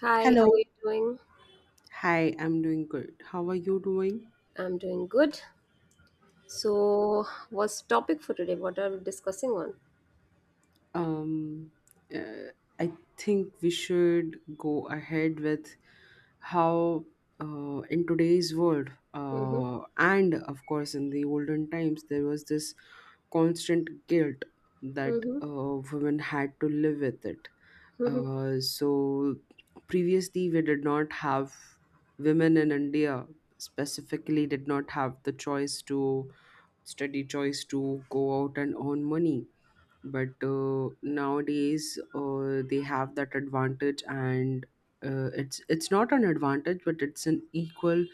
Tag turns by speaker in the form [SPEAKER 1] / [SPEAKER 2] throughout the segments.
[SPEAKER 1] Hi, how
[SPEAKER 2] Hello.
[SPEAKER 1] are you doing?
[SPEAKER 2] Hi, I'm doing good. How are you doing?
[SPEAKER 1] I'm doing good. So, what's the topic for today? What are we discussing on?
[SPEAKER 2] Um, uh, I think we should go ahead with how, in today's world,
[SPEAKER 1] Mm-hmm.
[SPEAKER 2] and of course, in the olden times, there was this constant guilt that
[SPEAKER 1] Mm-hmm.
[SPEAKER 2] women had to live with it.
[SPEAKER 1] Mm-hmm.
[SPEAKER 2] So, previously, we did not have women in India, specifically did not have the choice to steady choice to go out and earn money. But nowadays, they have that advantage, and it's not an advantage, but it's an equal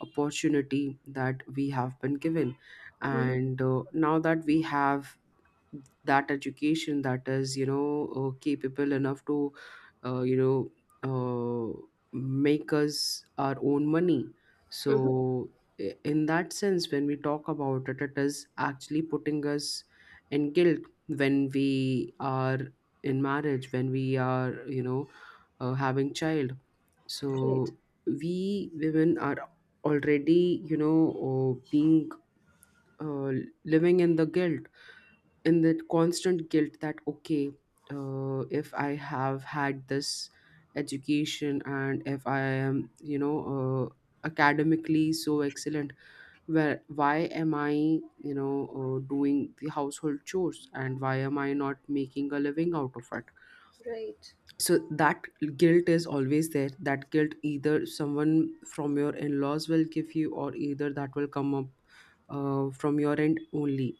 [SPEAKER 2] opportunity that we have been given.
[SPEAKER 1] Mm-hmm.
[SPEAKER 2] And now that we have that education that is capable enough to uh, you know uh, make us our own money, so
[SPEAKER 1] Mm-hmm.
[SPEAKER 2] in that sense, when we talk about it is actually putting us in guilt when we are in marriage, when we are you know having child. So
[SPEAKER 1] Right.
[SPEAKER 2] we women are already you know being uh, living in the guilt, in that constant guilt that, okay, if I have had this education and if I am you know uh, academically so excellent, where why am I doing the household chores, and why am I not making a living out of it?
[SPEAKER 1] Right.
[SPEAKER 2] So that guilt is always there. That guilt either someone from your in-laws will give you, or either that will come up from your end only.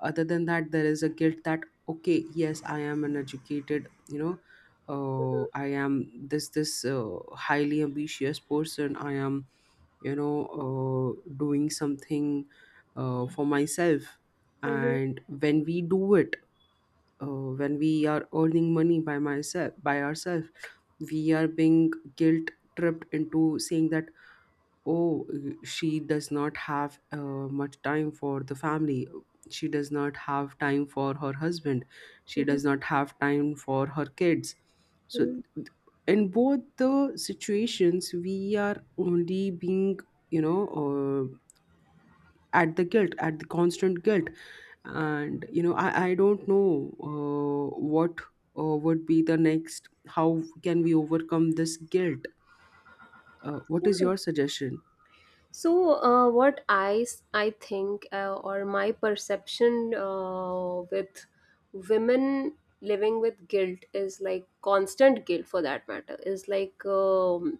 [SPEAKER 2] Other than that, there is a guilt that, okay, yes, I am an educated, I
[SPEAKER 1] Mm-hmm.
[SPEAKER 2] am this highly ambitious person. I am doing something for myself.
[SPEAKER 1] Mm-hmm.
[SPEAKER 2] And when we do it, when we are earning money by myself, by ourselves, we are being guilt tripped into saying that, oh, she does not have much time for the family. She does not have time for her husband. She
[SPEAKER 1] Mm-hmm.
[SPEAKER 2] does not have time for her kids. So
[SPEAKER 1] Mm-hmm.
[SPEAKER 2] in both the situations, we are only being you know uh, at the guilt, at the constant guilt. And I don't know what would be the next, how can we overcome this guilt? What is
[SPEAKER 1] Yeah.
[SPEAKER 2] your suggestion?
[SPEAKER 1] So, what I think or my perception with women living with guilt is like constant guilt for that matter is like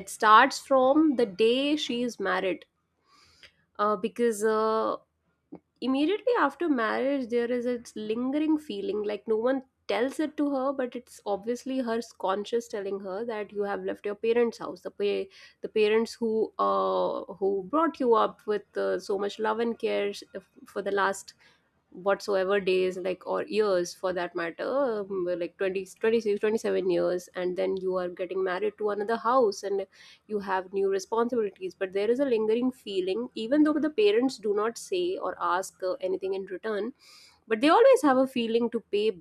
[SPEAKER 1] it starts from the day she is married, because immediately after marriage there is a lingering feeling, like no one tells it to her, but it's obviously her conscience telling her that you have left your parents house, the parents who brought you up with so much love and care, for the last whatsoever days, like, or years for that matter, like 20, 26, 27 years, and then you are getting married to another house, and you have new responsibilities. But there is a lingering feeling, even though the parents do not say or ask anything in return, but they always have a feeling to pay,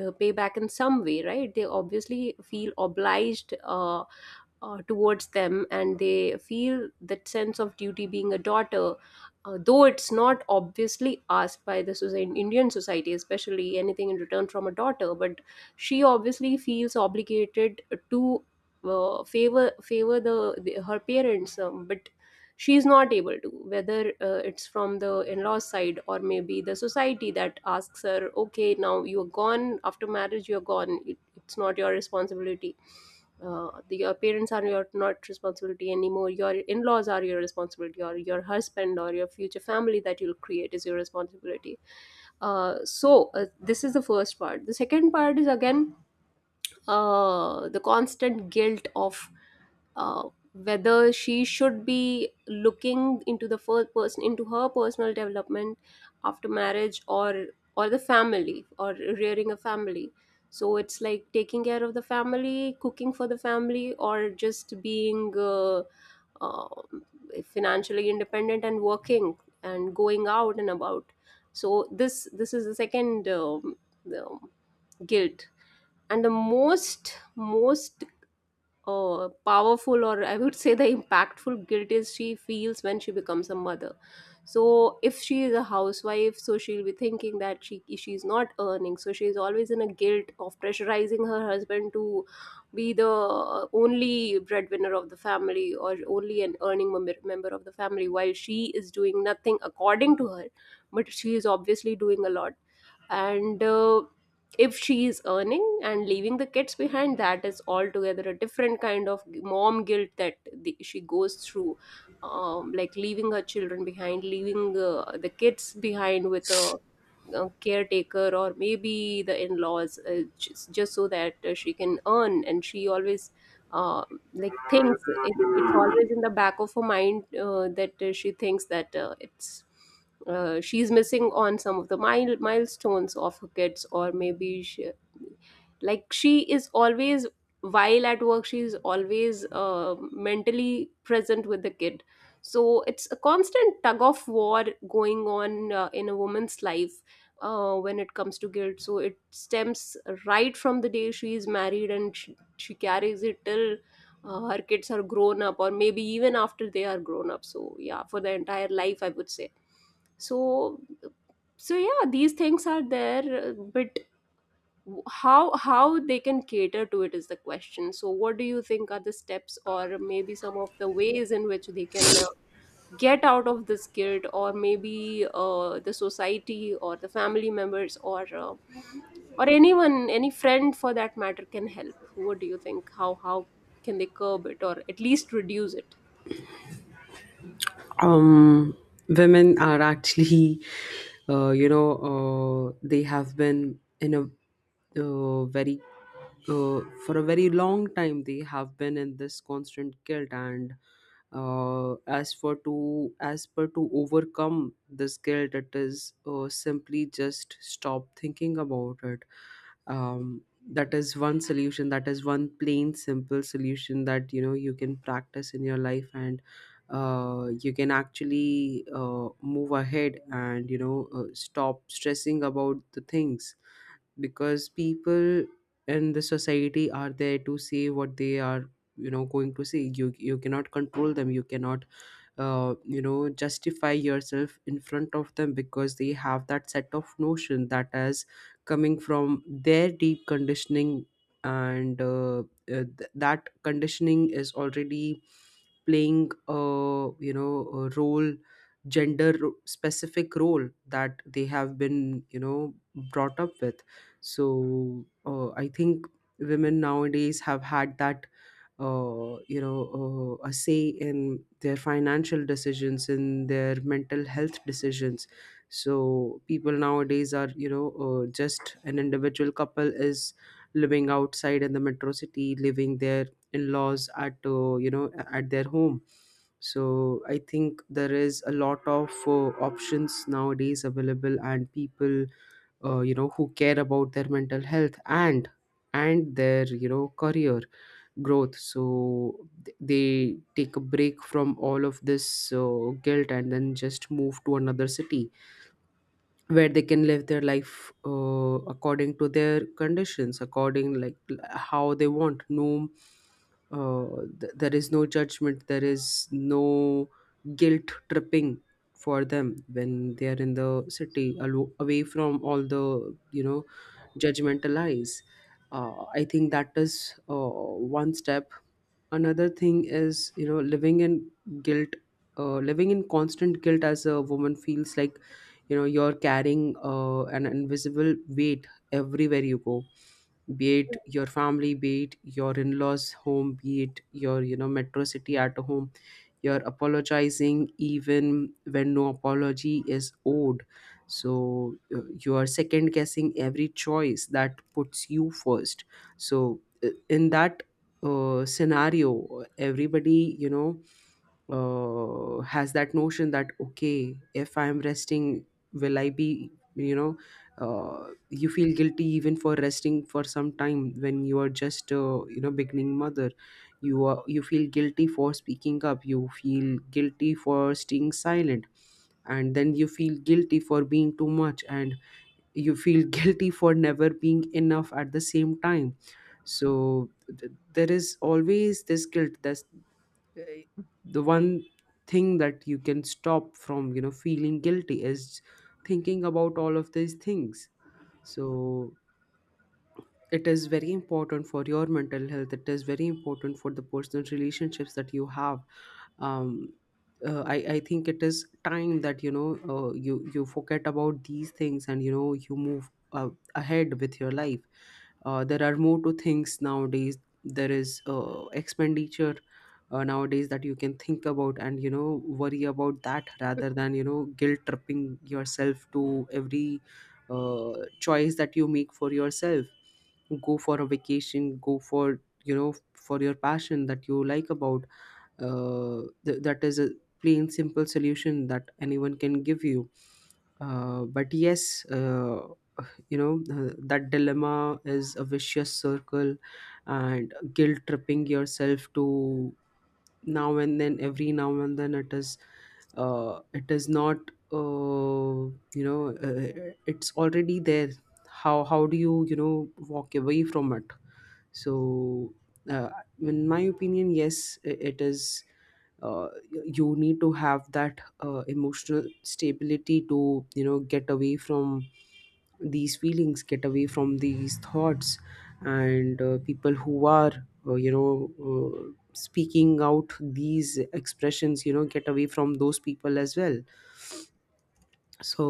[SPEAKER 1] pay back in some way, right? They obviously feel obliged, towards them, and they feel that sense of duty being a daughter. Uh, though it's not obviously asked by the Indian society, especially anything in return from a daughter, but she obviously feels obligated to favor the her parents. But she's not able to, whether it's from the in-laws side or maybe the society that asks her, okay, now you're gone after marriage, you're gone, it's not your responsibility, your parents are your not responsibility anymore, your in-laws are your responsibility, or your husband, or your future family that you'll create is your responsibility. This is the first part. The second part is again the constant guilt of whether she should be looking into the first person, into her personal development after marriage, or the family, or rearing a family. So it's like taking care of the family, cooking for the family, or just being uh, financially independent and working and going out and about. So this is the second, um, guilt. And the most powerful, or I would say the impactful guilt is she feels when she becomes a mother. So if she is a housewife, so she'll be thinking that she's not earning, so she's always in a guilt of pressurizing her husband to be the only breadwinner of the family, or only an earning member of the family, while she is doing nothing according to her. But she is obviously doing a lot. And if she is earning and leaving the kids behind, that is altogether a different kind of mom guilt that she goes through. Like leaving her children behind, leaving the kids behind with a caretaker, or maybe the in-laws, just so that she can earn. And she always uh, like thinks, it's always in the back of her mind that she thinks that it's she's missing on some of the milestones of her kids, or maybe like she is always, while at work she's always mentally present with the kid. So it's a constant tug of war going on in a woman's life when it comes to guilt. So it stems right from the day she is married, and she carries it till her kids are grown up, or maybe even after they are grown up. So yeah, for the entire life I would say. So so yeah, these things are there, but how they can cater to it is the question. So what do you think are the steps, or maybe some of the ways in which they can get out of this guilt? Or maybe the society, or the family members, or anyone, any friend for that matter, can help? What do you think? How can they curb it, or at least reduce it?
[SPEAKER 2] um Women are actually, uh, you know they have been in a very, uh, for a very long time they have been in this constant guilt. And as per to overcome this guilt, it is simply just stop thinking about it. um, that is one solution. That is one plain simple solution that, you know, you can practice in your life, and you can actually move ahead and stop stressing about the things, because people in the society are there to say what they are going to say. You cannot control them. You cannot justify yourself in front of them, because they have that set of notion that is coming from their deep conditioning. And that conditioning is already playing a a role, gender specific role, that they have been brought up with. So I think women nowadays have had that, a say in their financial decisions, in their mental health decisions. So people nowadays are, just an individual couple is living outside in the metro city, living their in-laws at you know at their home. So I think there is a lot of options nowadays available, and people who care about their mental health and their, you know, career growth, so they take a break from all of this guilt and then just move to another city where they can live their life according to their conditions, according how they want. No uh, th- there is no judgment, there is no guilt tripping for them when they are in the city, away from all the judgmental eyes. I think that is one step. Another thing is, guilt living in constant guilt as a woman feels like, you're carrying an invisible weight everywhere you go, be it your family, be it your in-laws home, be it your metro city at home. You're apologizing even when no apology is owed. So you are second guessing every choice that puts you first. So in that scenario, everybody has that notion that, okay, if I'm resting, will I be you know you feel guilty even for resting for some time when you are just beginning mother. You feel guilty for speaking up, you feel guilty for staying silent, and then you feel guilty for being too much, and you feel guilty for never being enough at the same time. So there is always this guilt that's, eh, the one thing that you can stop from feeling guilty is thinking about all of these things. So it is very important for your mental health. It is very important for the personal relationships that you have. Um, uh, I, I think it is time that, you forget about these things, and you move ahead with your life. There are more to things nowadays. There is expenditure nowadays that you can think about and worry about, that rather than guilt tripping yourself to every uh, choice that you make for yourself. Go for a vacation, go for, for your passion that you like about. That is a plain simple solution that anyone can give you. But yes, that dilemma is a vicious circle. And guilt tripping yourself to now and then every now and then, it is not, uh, it's already there. How do you you know walk away from it? So uh, in my opinion, yes, you need to have that emotional stability to get away from these feelings, get away from these thoughts. And people who are uh, you know uh, speaking out these expressions, get away from those people as well. So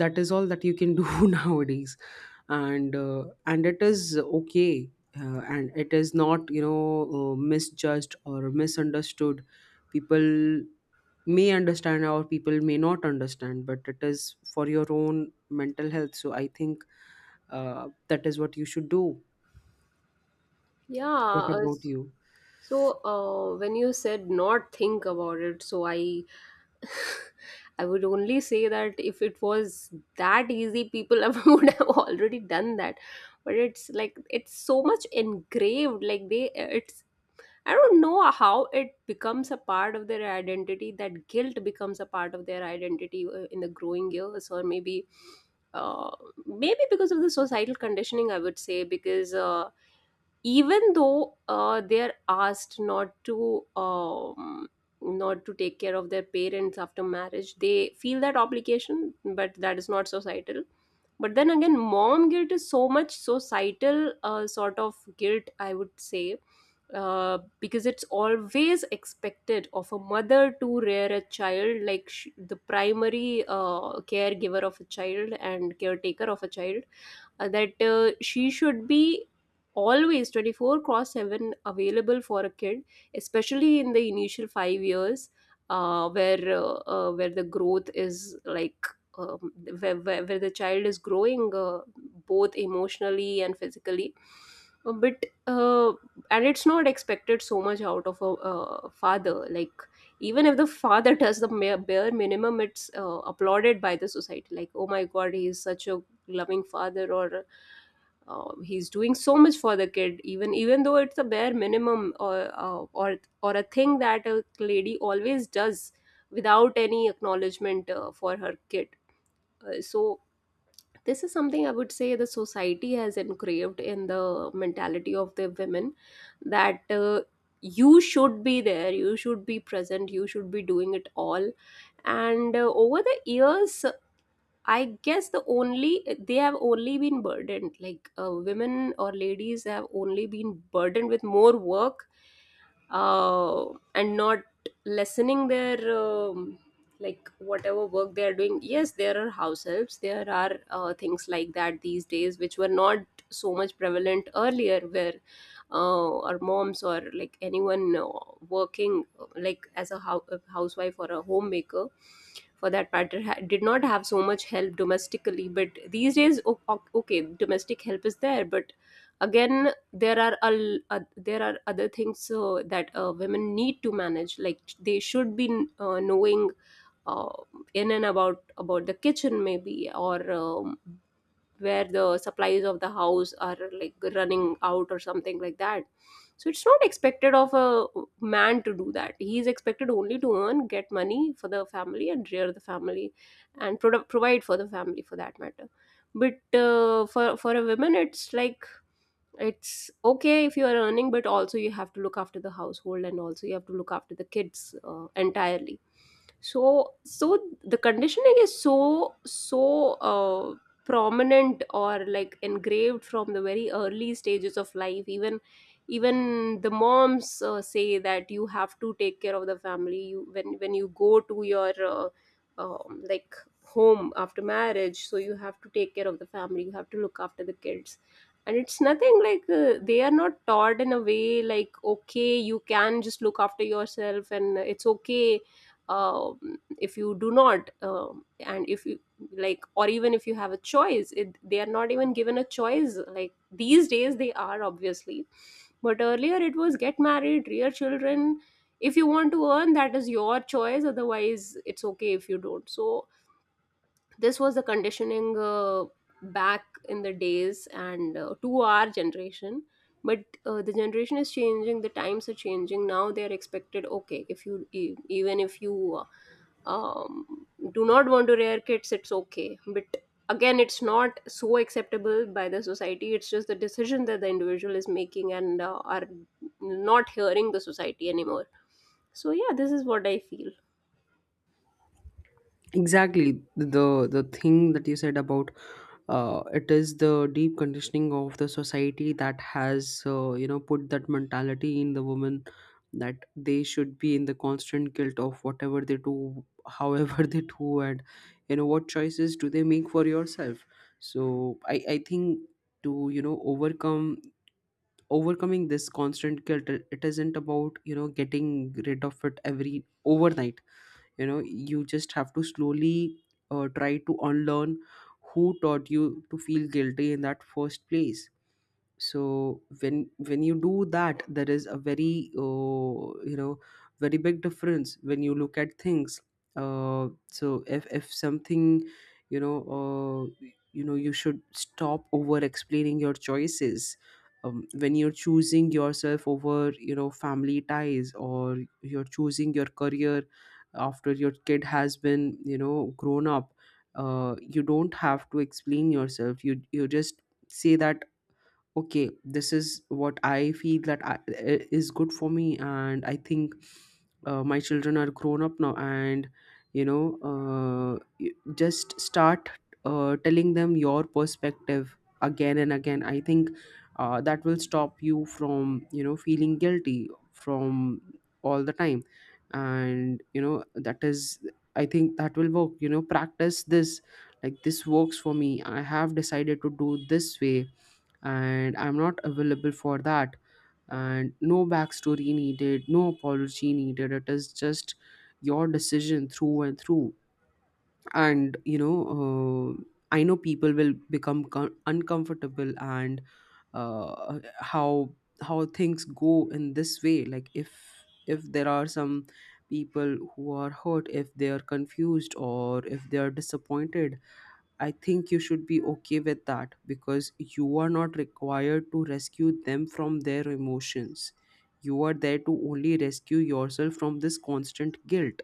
[SPEAKER 2] that is all that you can do nowadays. And it is okay, and it is not misjudged or misunderstood. People may understand or people may not understand, but it is for your own mental health, so I think that is what you should do. What
[SPEAKER 1] Yeah,
[SPEAKER 2] about you?
[SPEAKER 1] so when you said not think about it, so I I would only say that if it was that easy, people would have already done that. But it's like it's so much engraved. Like it's, I don't know how it becomes a part of their identity. That guilt becomes a part of their identity in the growing years, or maybe, uh, maybe because of the societal conditioning, I would say because. Even though they're asked not to not to take care of their parents after marriage, they feel that obligation, but that is not societal. But then again, mom guilt is so much so societal, sort of guilt I would say. Because it's always expected of a mother to rear a child, like the primary caregiver of a child and caretaker of a child, that she should be always 24 cross 7 available for a kid, especially in the initial 5 years, where the growth is like, um, where the child is growing both emotionally and physically. But uh, and it's not expected so much out of a father. Like even if the father does the bare minimum, it's applauded by the society, like, oh my god, he is such a loving father, or he's doing so much for the kid, even even though it's a bare minimum, or uh, or or a thing that a lady always does without any acknowledgement for her kid. So this is something I would say the society has engraved in the mentality of the women, that you should be there, you should be present, you should be doing it all. And over the years, I guess the only, they have only been burdened, like women or ladies have only been burdened with more work, uh, and not lessening their like whatever work they are doing. Yes, there are house helps, there are things like that these days, which were not so much prevalent earlier, where our moms, or like anyone working like as a a housewife or a homemaker for that matter, did not have so much help domestically. But these days, okay, domestic help is there, but again, there are there are other things that women need to manage, like they should be knowing uh, in and about the kitchen maybe, or where the supplies of the house are, like running out or something like that. So it's not expected of a man to do that. He is expected only to earn, get money for the family and rear the family, and provide for the family for that matter. But for a woman it's like, it's okay if you are earning, but also you have to look after the household and also you have to look after the kids entirely. So so the conditioning is so so prominent, or like engraved from the very early stages of life, even even the moms say that you have to take care of the family, you, when you go to your like home after marriage, so you have to take care of the family, you have to look after the kids. And it's nothing like they are not taught in a way like, okay, you can just look after yourself and it's okay, uh, if you do not, um, and if you like, or even if you have a choice, they are not even given a choice, like these days they are obviously, but earlier it was get married, rear children, if you want to earn, that is your choice, otherwise it's okay if you don't. So this was the conditioning back in the days, and to our generation. But the generation is changing, the times are changing, now they are expected, okay, if you even if you um, do not want to rear kids, it's okay. But again, it's not so acceptable by the society. It's just the decision that the individual is making, and are not hearing the society anymore. So yeah, this is what I feel.
[SPEAKER 2] Exactly, the thing that you said about it is the deep conditioning of the society that has put that mentality in the woman, that they should be in the constant guilt of whatever they do, however they do, and what choices do they make for yourself. So I think, to you know overcome overcoming this constant guilt, it isn't about getting rid of it every overnight. You just have to slowly try to unlearn who taught you to feel guilty in that first place. So when you do that, there is a very, you know very big difference when you look at things. So if something, you should stop over explaining your choices, when you're choosing yourself over family ties, or you're choosing your career after your kid has been grown up. You don't have to explain yourself. You just say that, okay, this is what I feel that is good for me. And I think my children are grown up now, and just start telling them your perspective again and again. I think that will stop you from feeling guilty from all the time. And you know that is I think that will work. Practice this, like this works for me. I have decided to do this way. And I'm not available for that. And no backstory needed, no apology needed. It is just your decision through and through. And I know people will become uncomfortable and uh, how how things go in this way. Like, if there are some people who are hurt, if they are confused, or if they are disappointed, I think you should be okay with that, because you are not required to rescue them from their emotions. You are there to only rescue yourself from this constant guilt.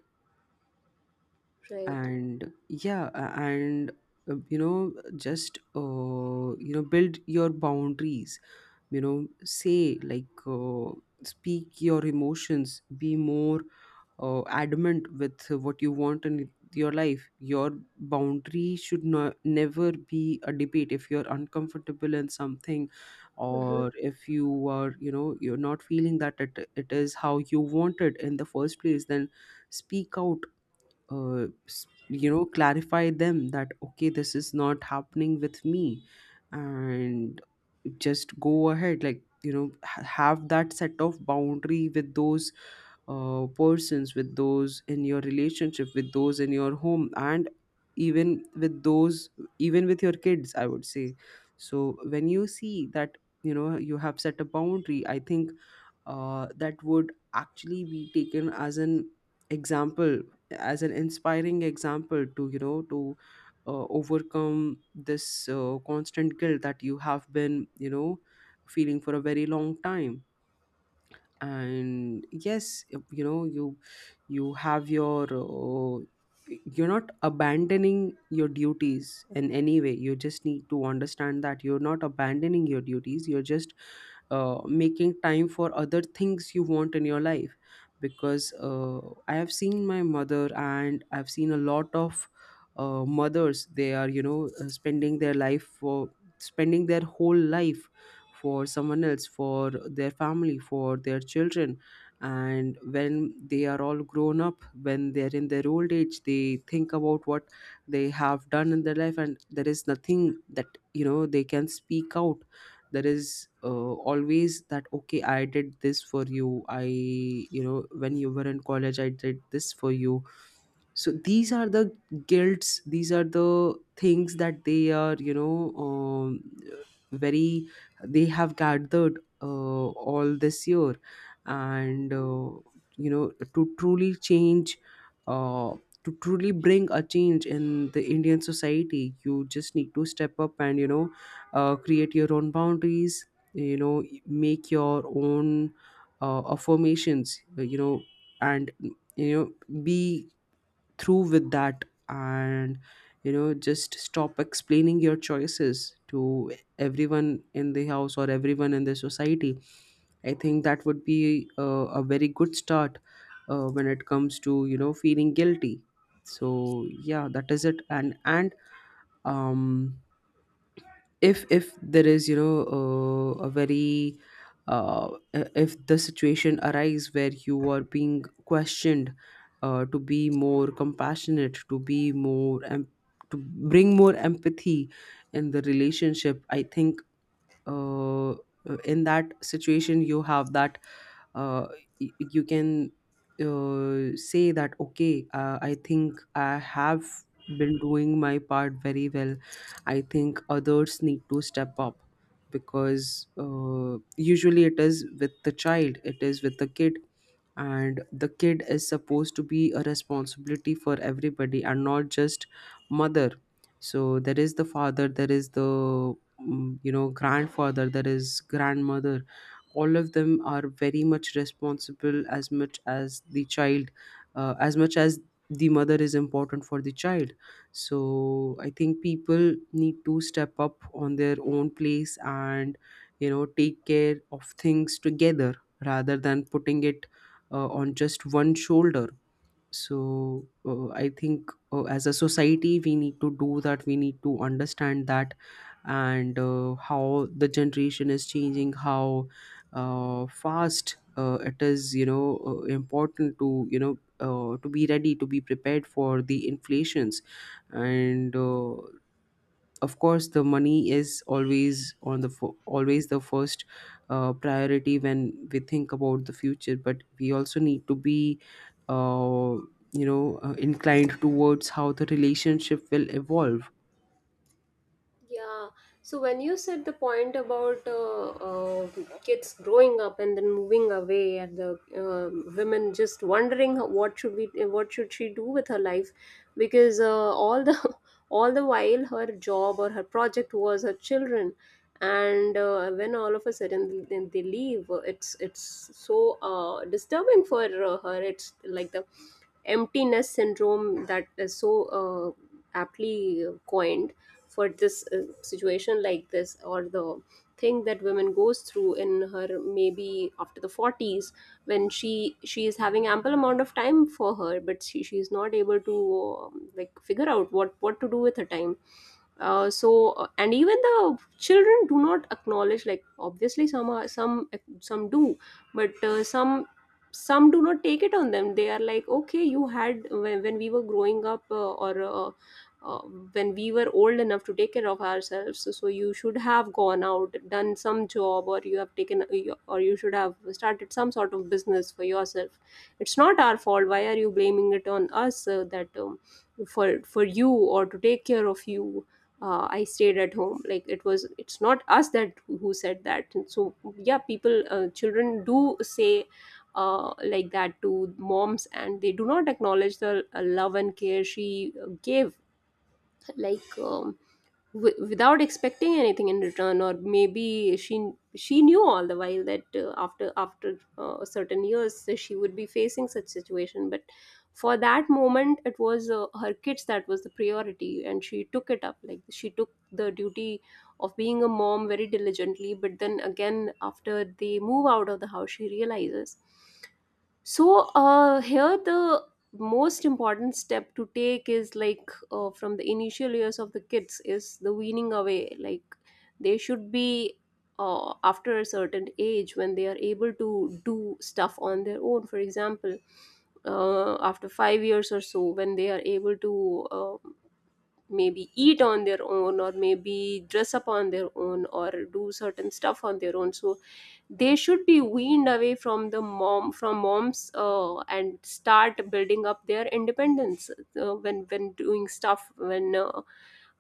[SPEAKER 1] Right.
[SPEAKER 2] And yeah, just build your boundaries. Say, like, speak your emotions. Be more adamant with what you want in your life. Your boundary should not never be a debate. If you're uncomfortable in something,
[SPEAKER 1] Mm-hmm.
[SPEAKER 2] or if you are, you know, you're not feeling that it is how you want it in the first place, then speak out. You know, clarify them that okay, this is not happening with me. And just go ahead, like, you know, have that set of boundary with those persons, with those in your relationship, with those in your home, and even with those, even with your kids, I would say. So when you see that you know you have set a boundary, I think that would actually be taken as an example, as an inspiring example, to, you know, to overcome this constant guilt that you have been, you know, feeling for a very long time. And yes, you know, you have your you're not abandoning your duties in any way. You just need to understand that you're not abandoning your duties, you're just making time for other things you want in your life. Because I have seen my mother, and I've seen a lot of mothers. They are, you know, spending their life for, spending their whole life for someone else, for their family, for their children. And when they are all grown up, when they're in their old age, they think about what they have done in their life, and there is nothing that, you know, they can speak out. There is, always that okay, I did this for you, I, you know, when you were in college, I did this for you. So these are the guilts, these are the things that they are, you know, um, very, they have gathered all this year. And you know, to truly change, uh, to truly bring a change in the Indian society, you just need to step up and, you know, create your own boundaries, you know, make your own affirmations, you know, and, you know, be through with that. And, you know, just stop explaining your choices to everyone in the house or everyone in the society. I think that would be a very good start when it comes to, you know, feeling guilty. So yeah, that is it. And um if there is, you know, a very uh, if the situation arise where you are being questioned to be more compassionate, to be more to bring more empathy in the relationship, I think uh, in that situation you have that uh, y- you can say that okay, I think I have been doing my part very well. I think others need to step up. Because usually it is with the child, it is with the kid. And the kid is supposed to be a responsibility for everybody, and not just mother. So there is the father, there is the you know, grandfather, there is grandmother. All of them are very much responsible, as much as the child, as much as the mother is important for the child. So I think people need to step up on their own place, and, you know, take care of things together, rather than putting it on just one shoulder. So I think as a society we need to do that, we need to understand that. And how the generation is changing, how fast it is, you know, important to, you know, to be ready, to be prepared for the inflations. And of course the money is always on the always the first priority when we think about the future. But we also need to be uh, you know, inclined towards how the relationship will evolve.
[SPEAKER 1] Yeah. So when you said the point about kids growing up and then moving away, and the women just wondering how, what should we, what should she do with her life, because all the all the while her job or her project was her children, and when all of a sudden then they leave, it's so disturbing for her. It's like the emptiness syndrome that is so uh, aptly coined for this situation like this or the thing that women goes through in her maybe after the 40s when she is having ample amount of time for her but she is not able to like figure out what to do with her time and even the children do not acknowledge, like obviously some are, some do, but some do not take it on them. They are like, okay, you had when we were growing up, or uh, when we were old enough to take care of ourselves, so you should have gone out, done some job, or you have taken, or you should have started some sort of business for yourself. It's not our fault, why are you blaming it on us? That For you or to take care of you, I stayed at home. Like it was, it's not us that who said that. And so yeah, people, children do say like that to moms, and they do not acknowledge the love and care she gave, like w- without expecting anything in return. Or maybe she knew all the while that after certain years she would be facing such situation, but for that moment it was her kids that was the priority, and she took it up. Like she took the duty of being a mom very diligently, but then again after they move out of the house, she realizes. So here, the most important step to take is like, from the initial years of the kids, is the weaning away. Like they should be, after a certain age when they are able to do stuff on their own. For example, after 5 years or so, when they are able to maybe eat on their own, or maybe dress up on their own, or do certain stuff on their own. So they should be weaned away from the mom, from moms, and start building up their independence when doing stuff, when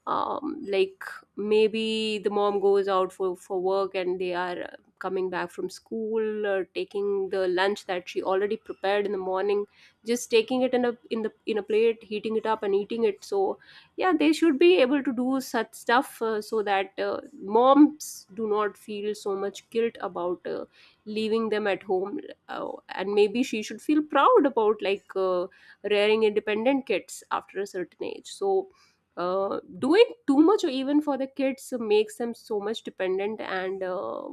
[SPEAKER 1] like maybe the mom goes out for work and they are coming back from school, or taking the lunch that she already prepared in the morning, just taking it in a in the in a plate, heating it up and eating it. So yeah, they should be able to do such stuff, so that moms do not feel so much guilt about leaving them at home, and maybe she should feel proud about, like, rearing independent kids after a certain age. So doing too much or even for the kids makes them so much dependent, and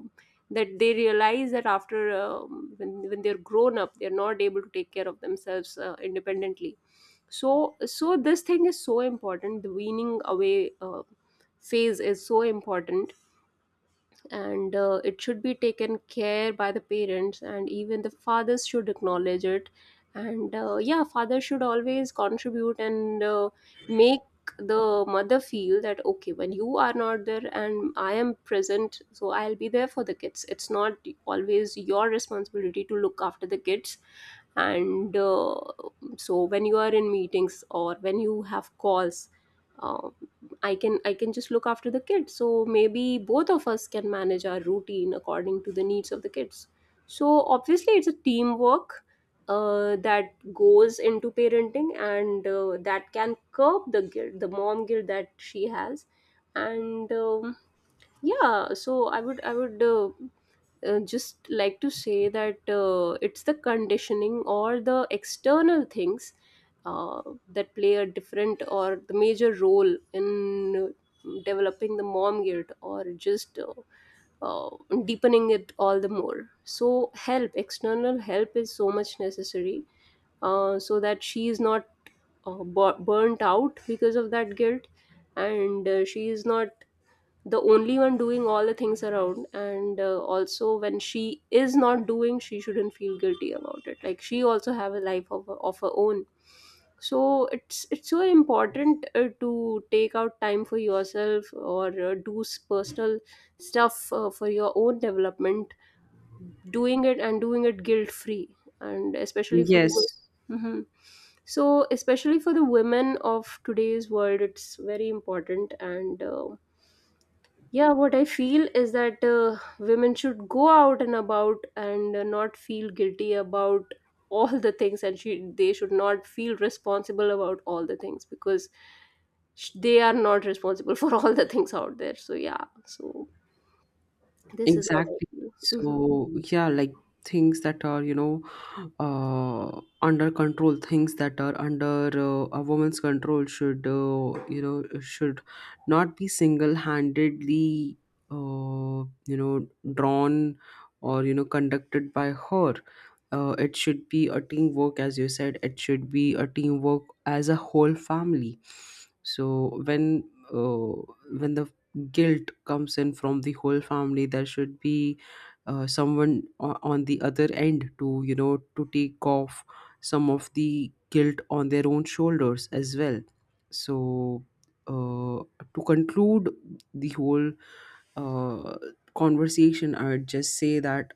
[SPEAKER 1] that they realize that after, when they're grown up, they're not able to take care of themselves independently. So so this thing is so important, the weaning away phase is so important, and it should be taken care by the parents, and even the fathers should acknowledge it. And yeah, father should always contribute, and make the mother feel that okay, when you are not there and I am present, so I'll be there for the kids, it's not always your responsibility to look after the kids. And so when you are in meetings or when you have calls, uh, I can just look after the kids. So maybe both of us can manage our routine according to the needs of the kids. So obviously it's a teamwork that goes into parenting, and that can curb the guilt, the mom guilt that she has. And yeah, so I would just like to say that it's the conditioning or the external things uh, that play a different or the major role in developing the mom guilt, or just uh, deepening it all the more. So, help, external help is so much necessary, so that she is not bu- burnt out because of that guilt, and she is not the only one doing all the things around. And also when she is not doing, she shouldn't feel guilty about it, like she also have a life of her own. So it's so important to take out time for yourself, or do s- personal stuff for your own development, doing it, and doing it guilt free. And especially for
[SPEAKER 2] Yes.
[SPEAKER 1] the, mm-hmm. So especially for the women of today's world, it's very important. And yeah, what I feel is that women should go out and about, and not feel guilty about all the things, and she they should not feel responsible about all the things, because sh- they are not responsible for all the things out there. So yeah, so this is what I
[SPEAKER 2] Exactly.
[SPEAKER 1] feel. Mhm.
[SPEAKER 2] So, yeah, like things that are, you know, under control, things that are under a woman's control should, you know, should not be single-handedly, you know, drawn, or, you know, conducted by her. It should be a teamwork, as you said, it should be a teamwork as a whole family. So when the guilt comes in from the whole family, there should be someone on the other end to, you know, to take off some of the guilt on their own shoulders as well. So uh, to conclude the whole uh, conversation, I would just say that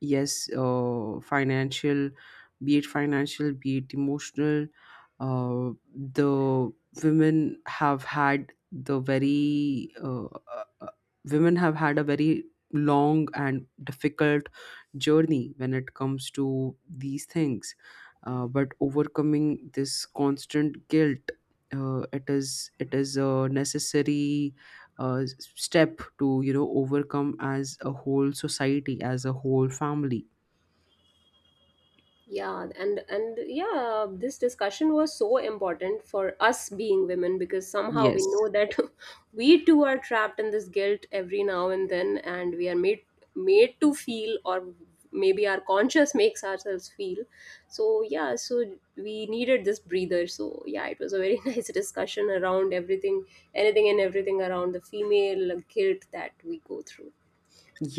[SPEAKER 2] yes, financial be it financial, be it emotional, uh, the women have had the very uh, uh, uh, women have had a very long and difficult journey when it comes to these things. But overcoming this constant guilt, it is, it is a necessary step to, you know, overcome as a whole society, as a whole family.
[SPEAKER 1] Yeah, and yeah, this discussion was so important for us being women, because somehow we
[SPEAKER 2] Yes.
[SPEAKER 1] know that we too are trapped in this guilt every now and then, and we are made to feel, or maybe our conscious makes ourselves feel. So yeah, so we needed this breather. So yeah, it was a very nice discussion around everything, anything and everything around the female guilt that we go through.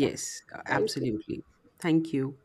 [SPEAKER 1] Yeah, thank you.
[SPEAKER 2] absolutely. Thank you.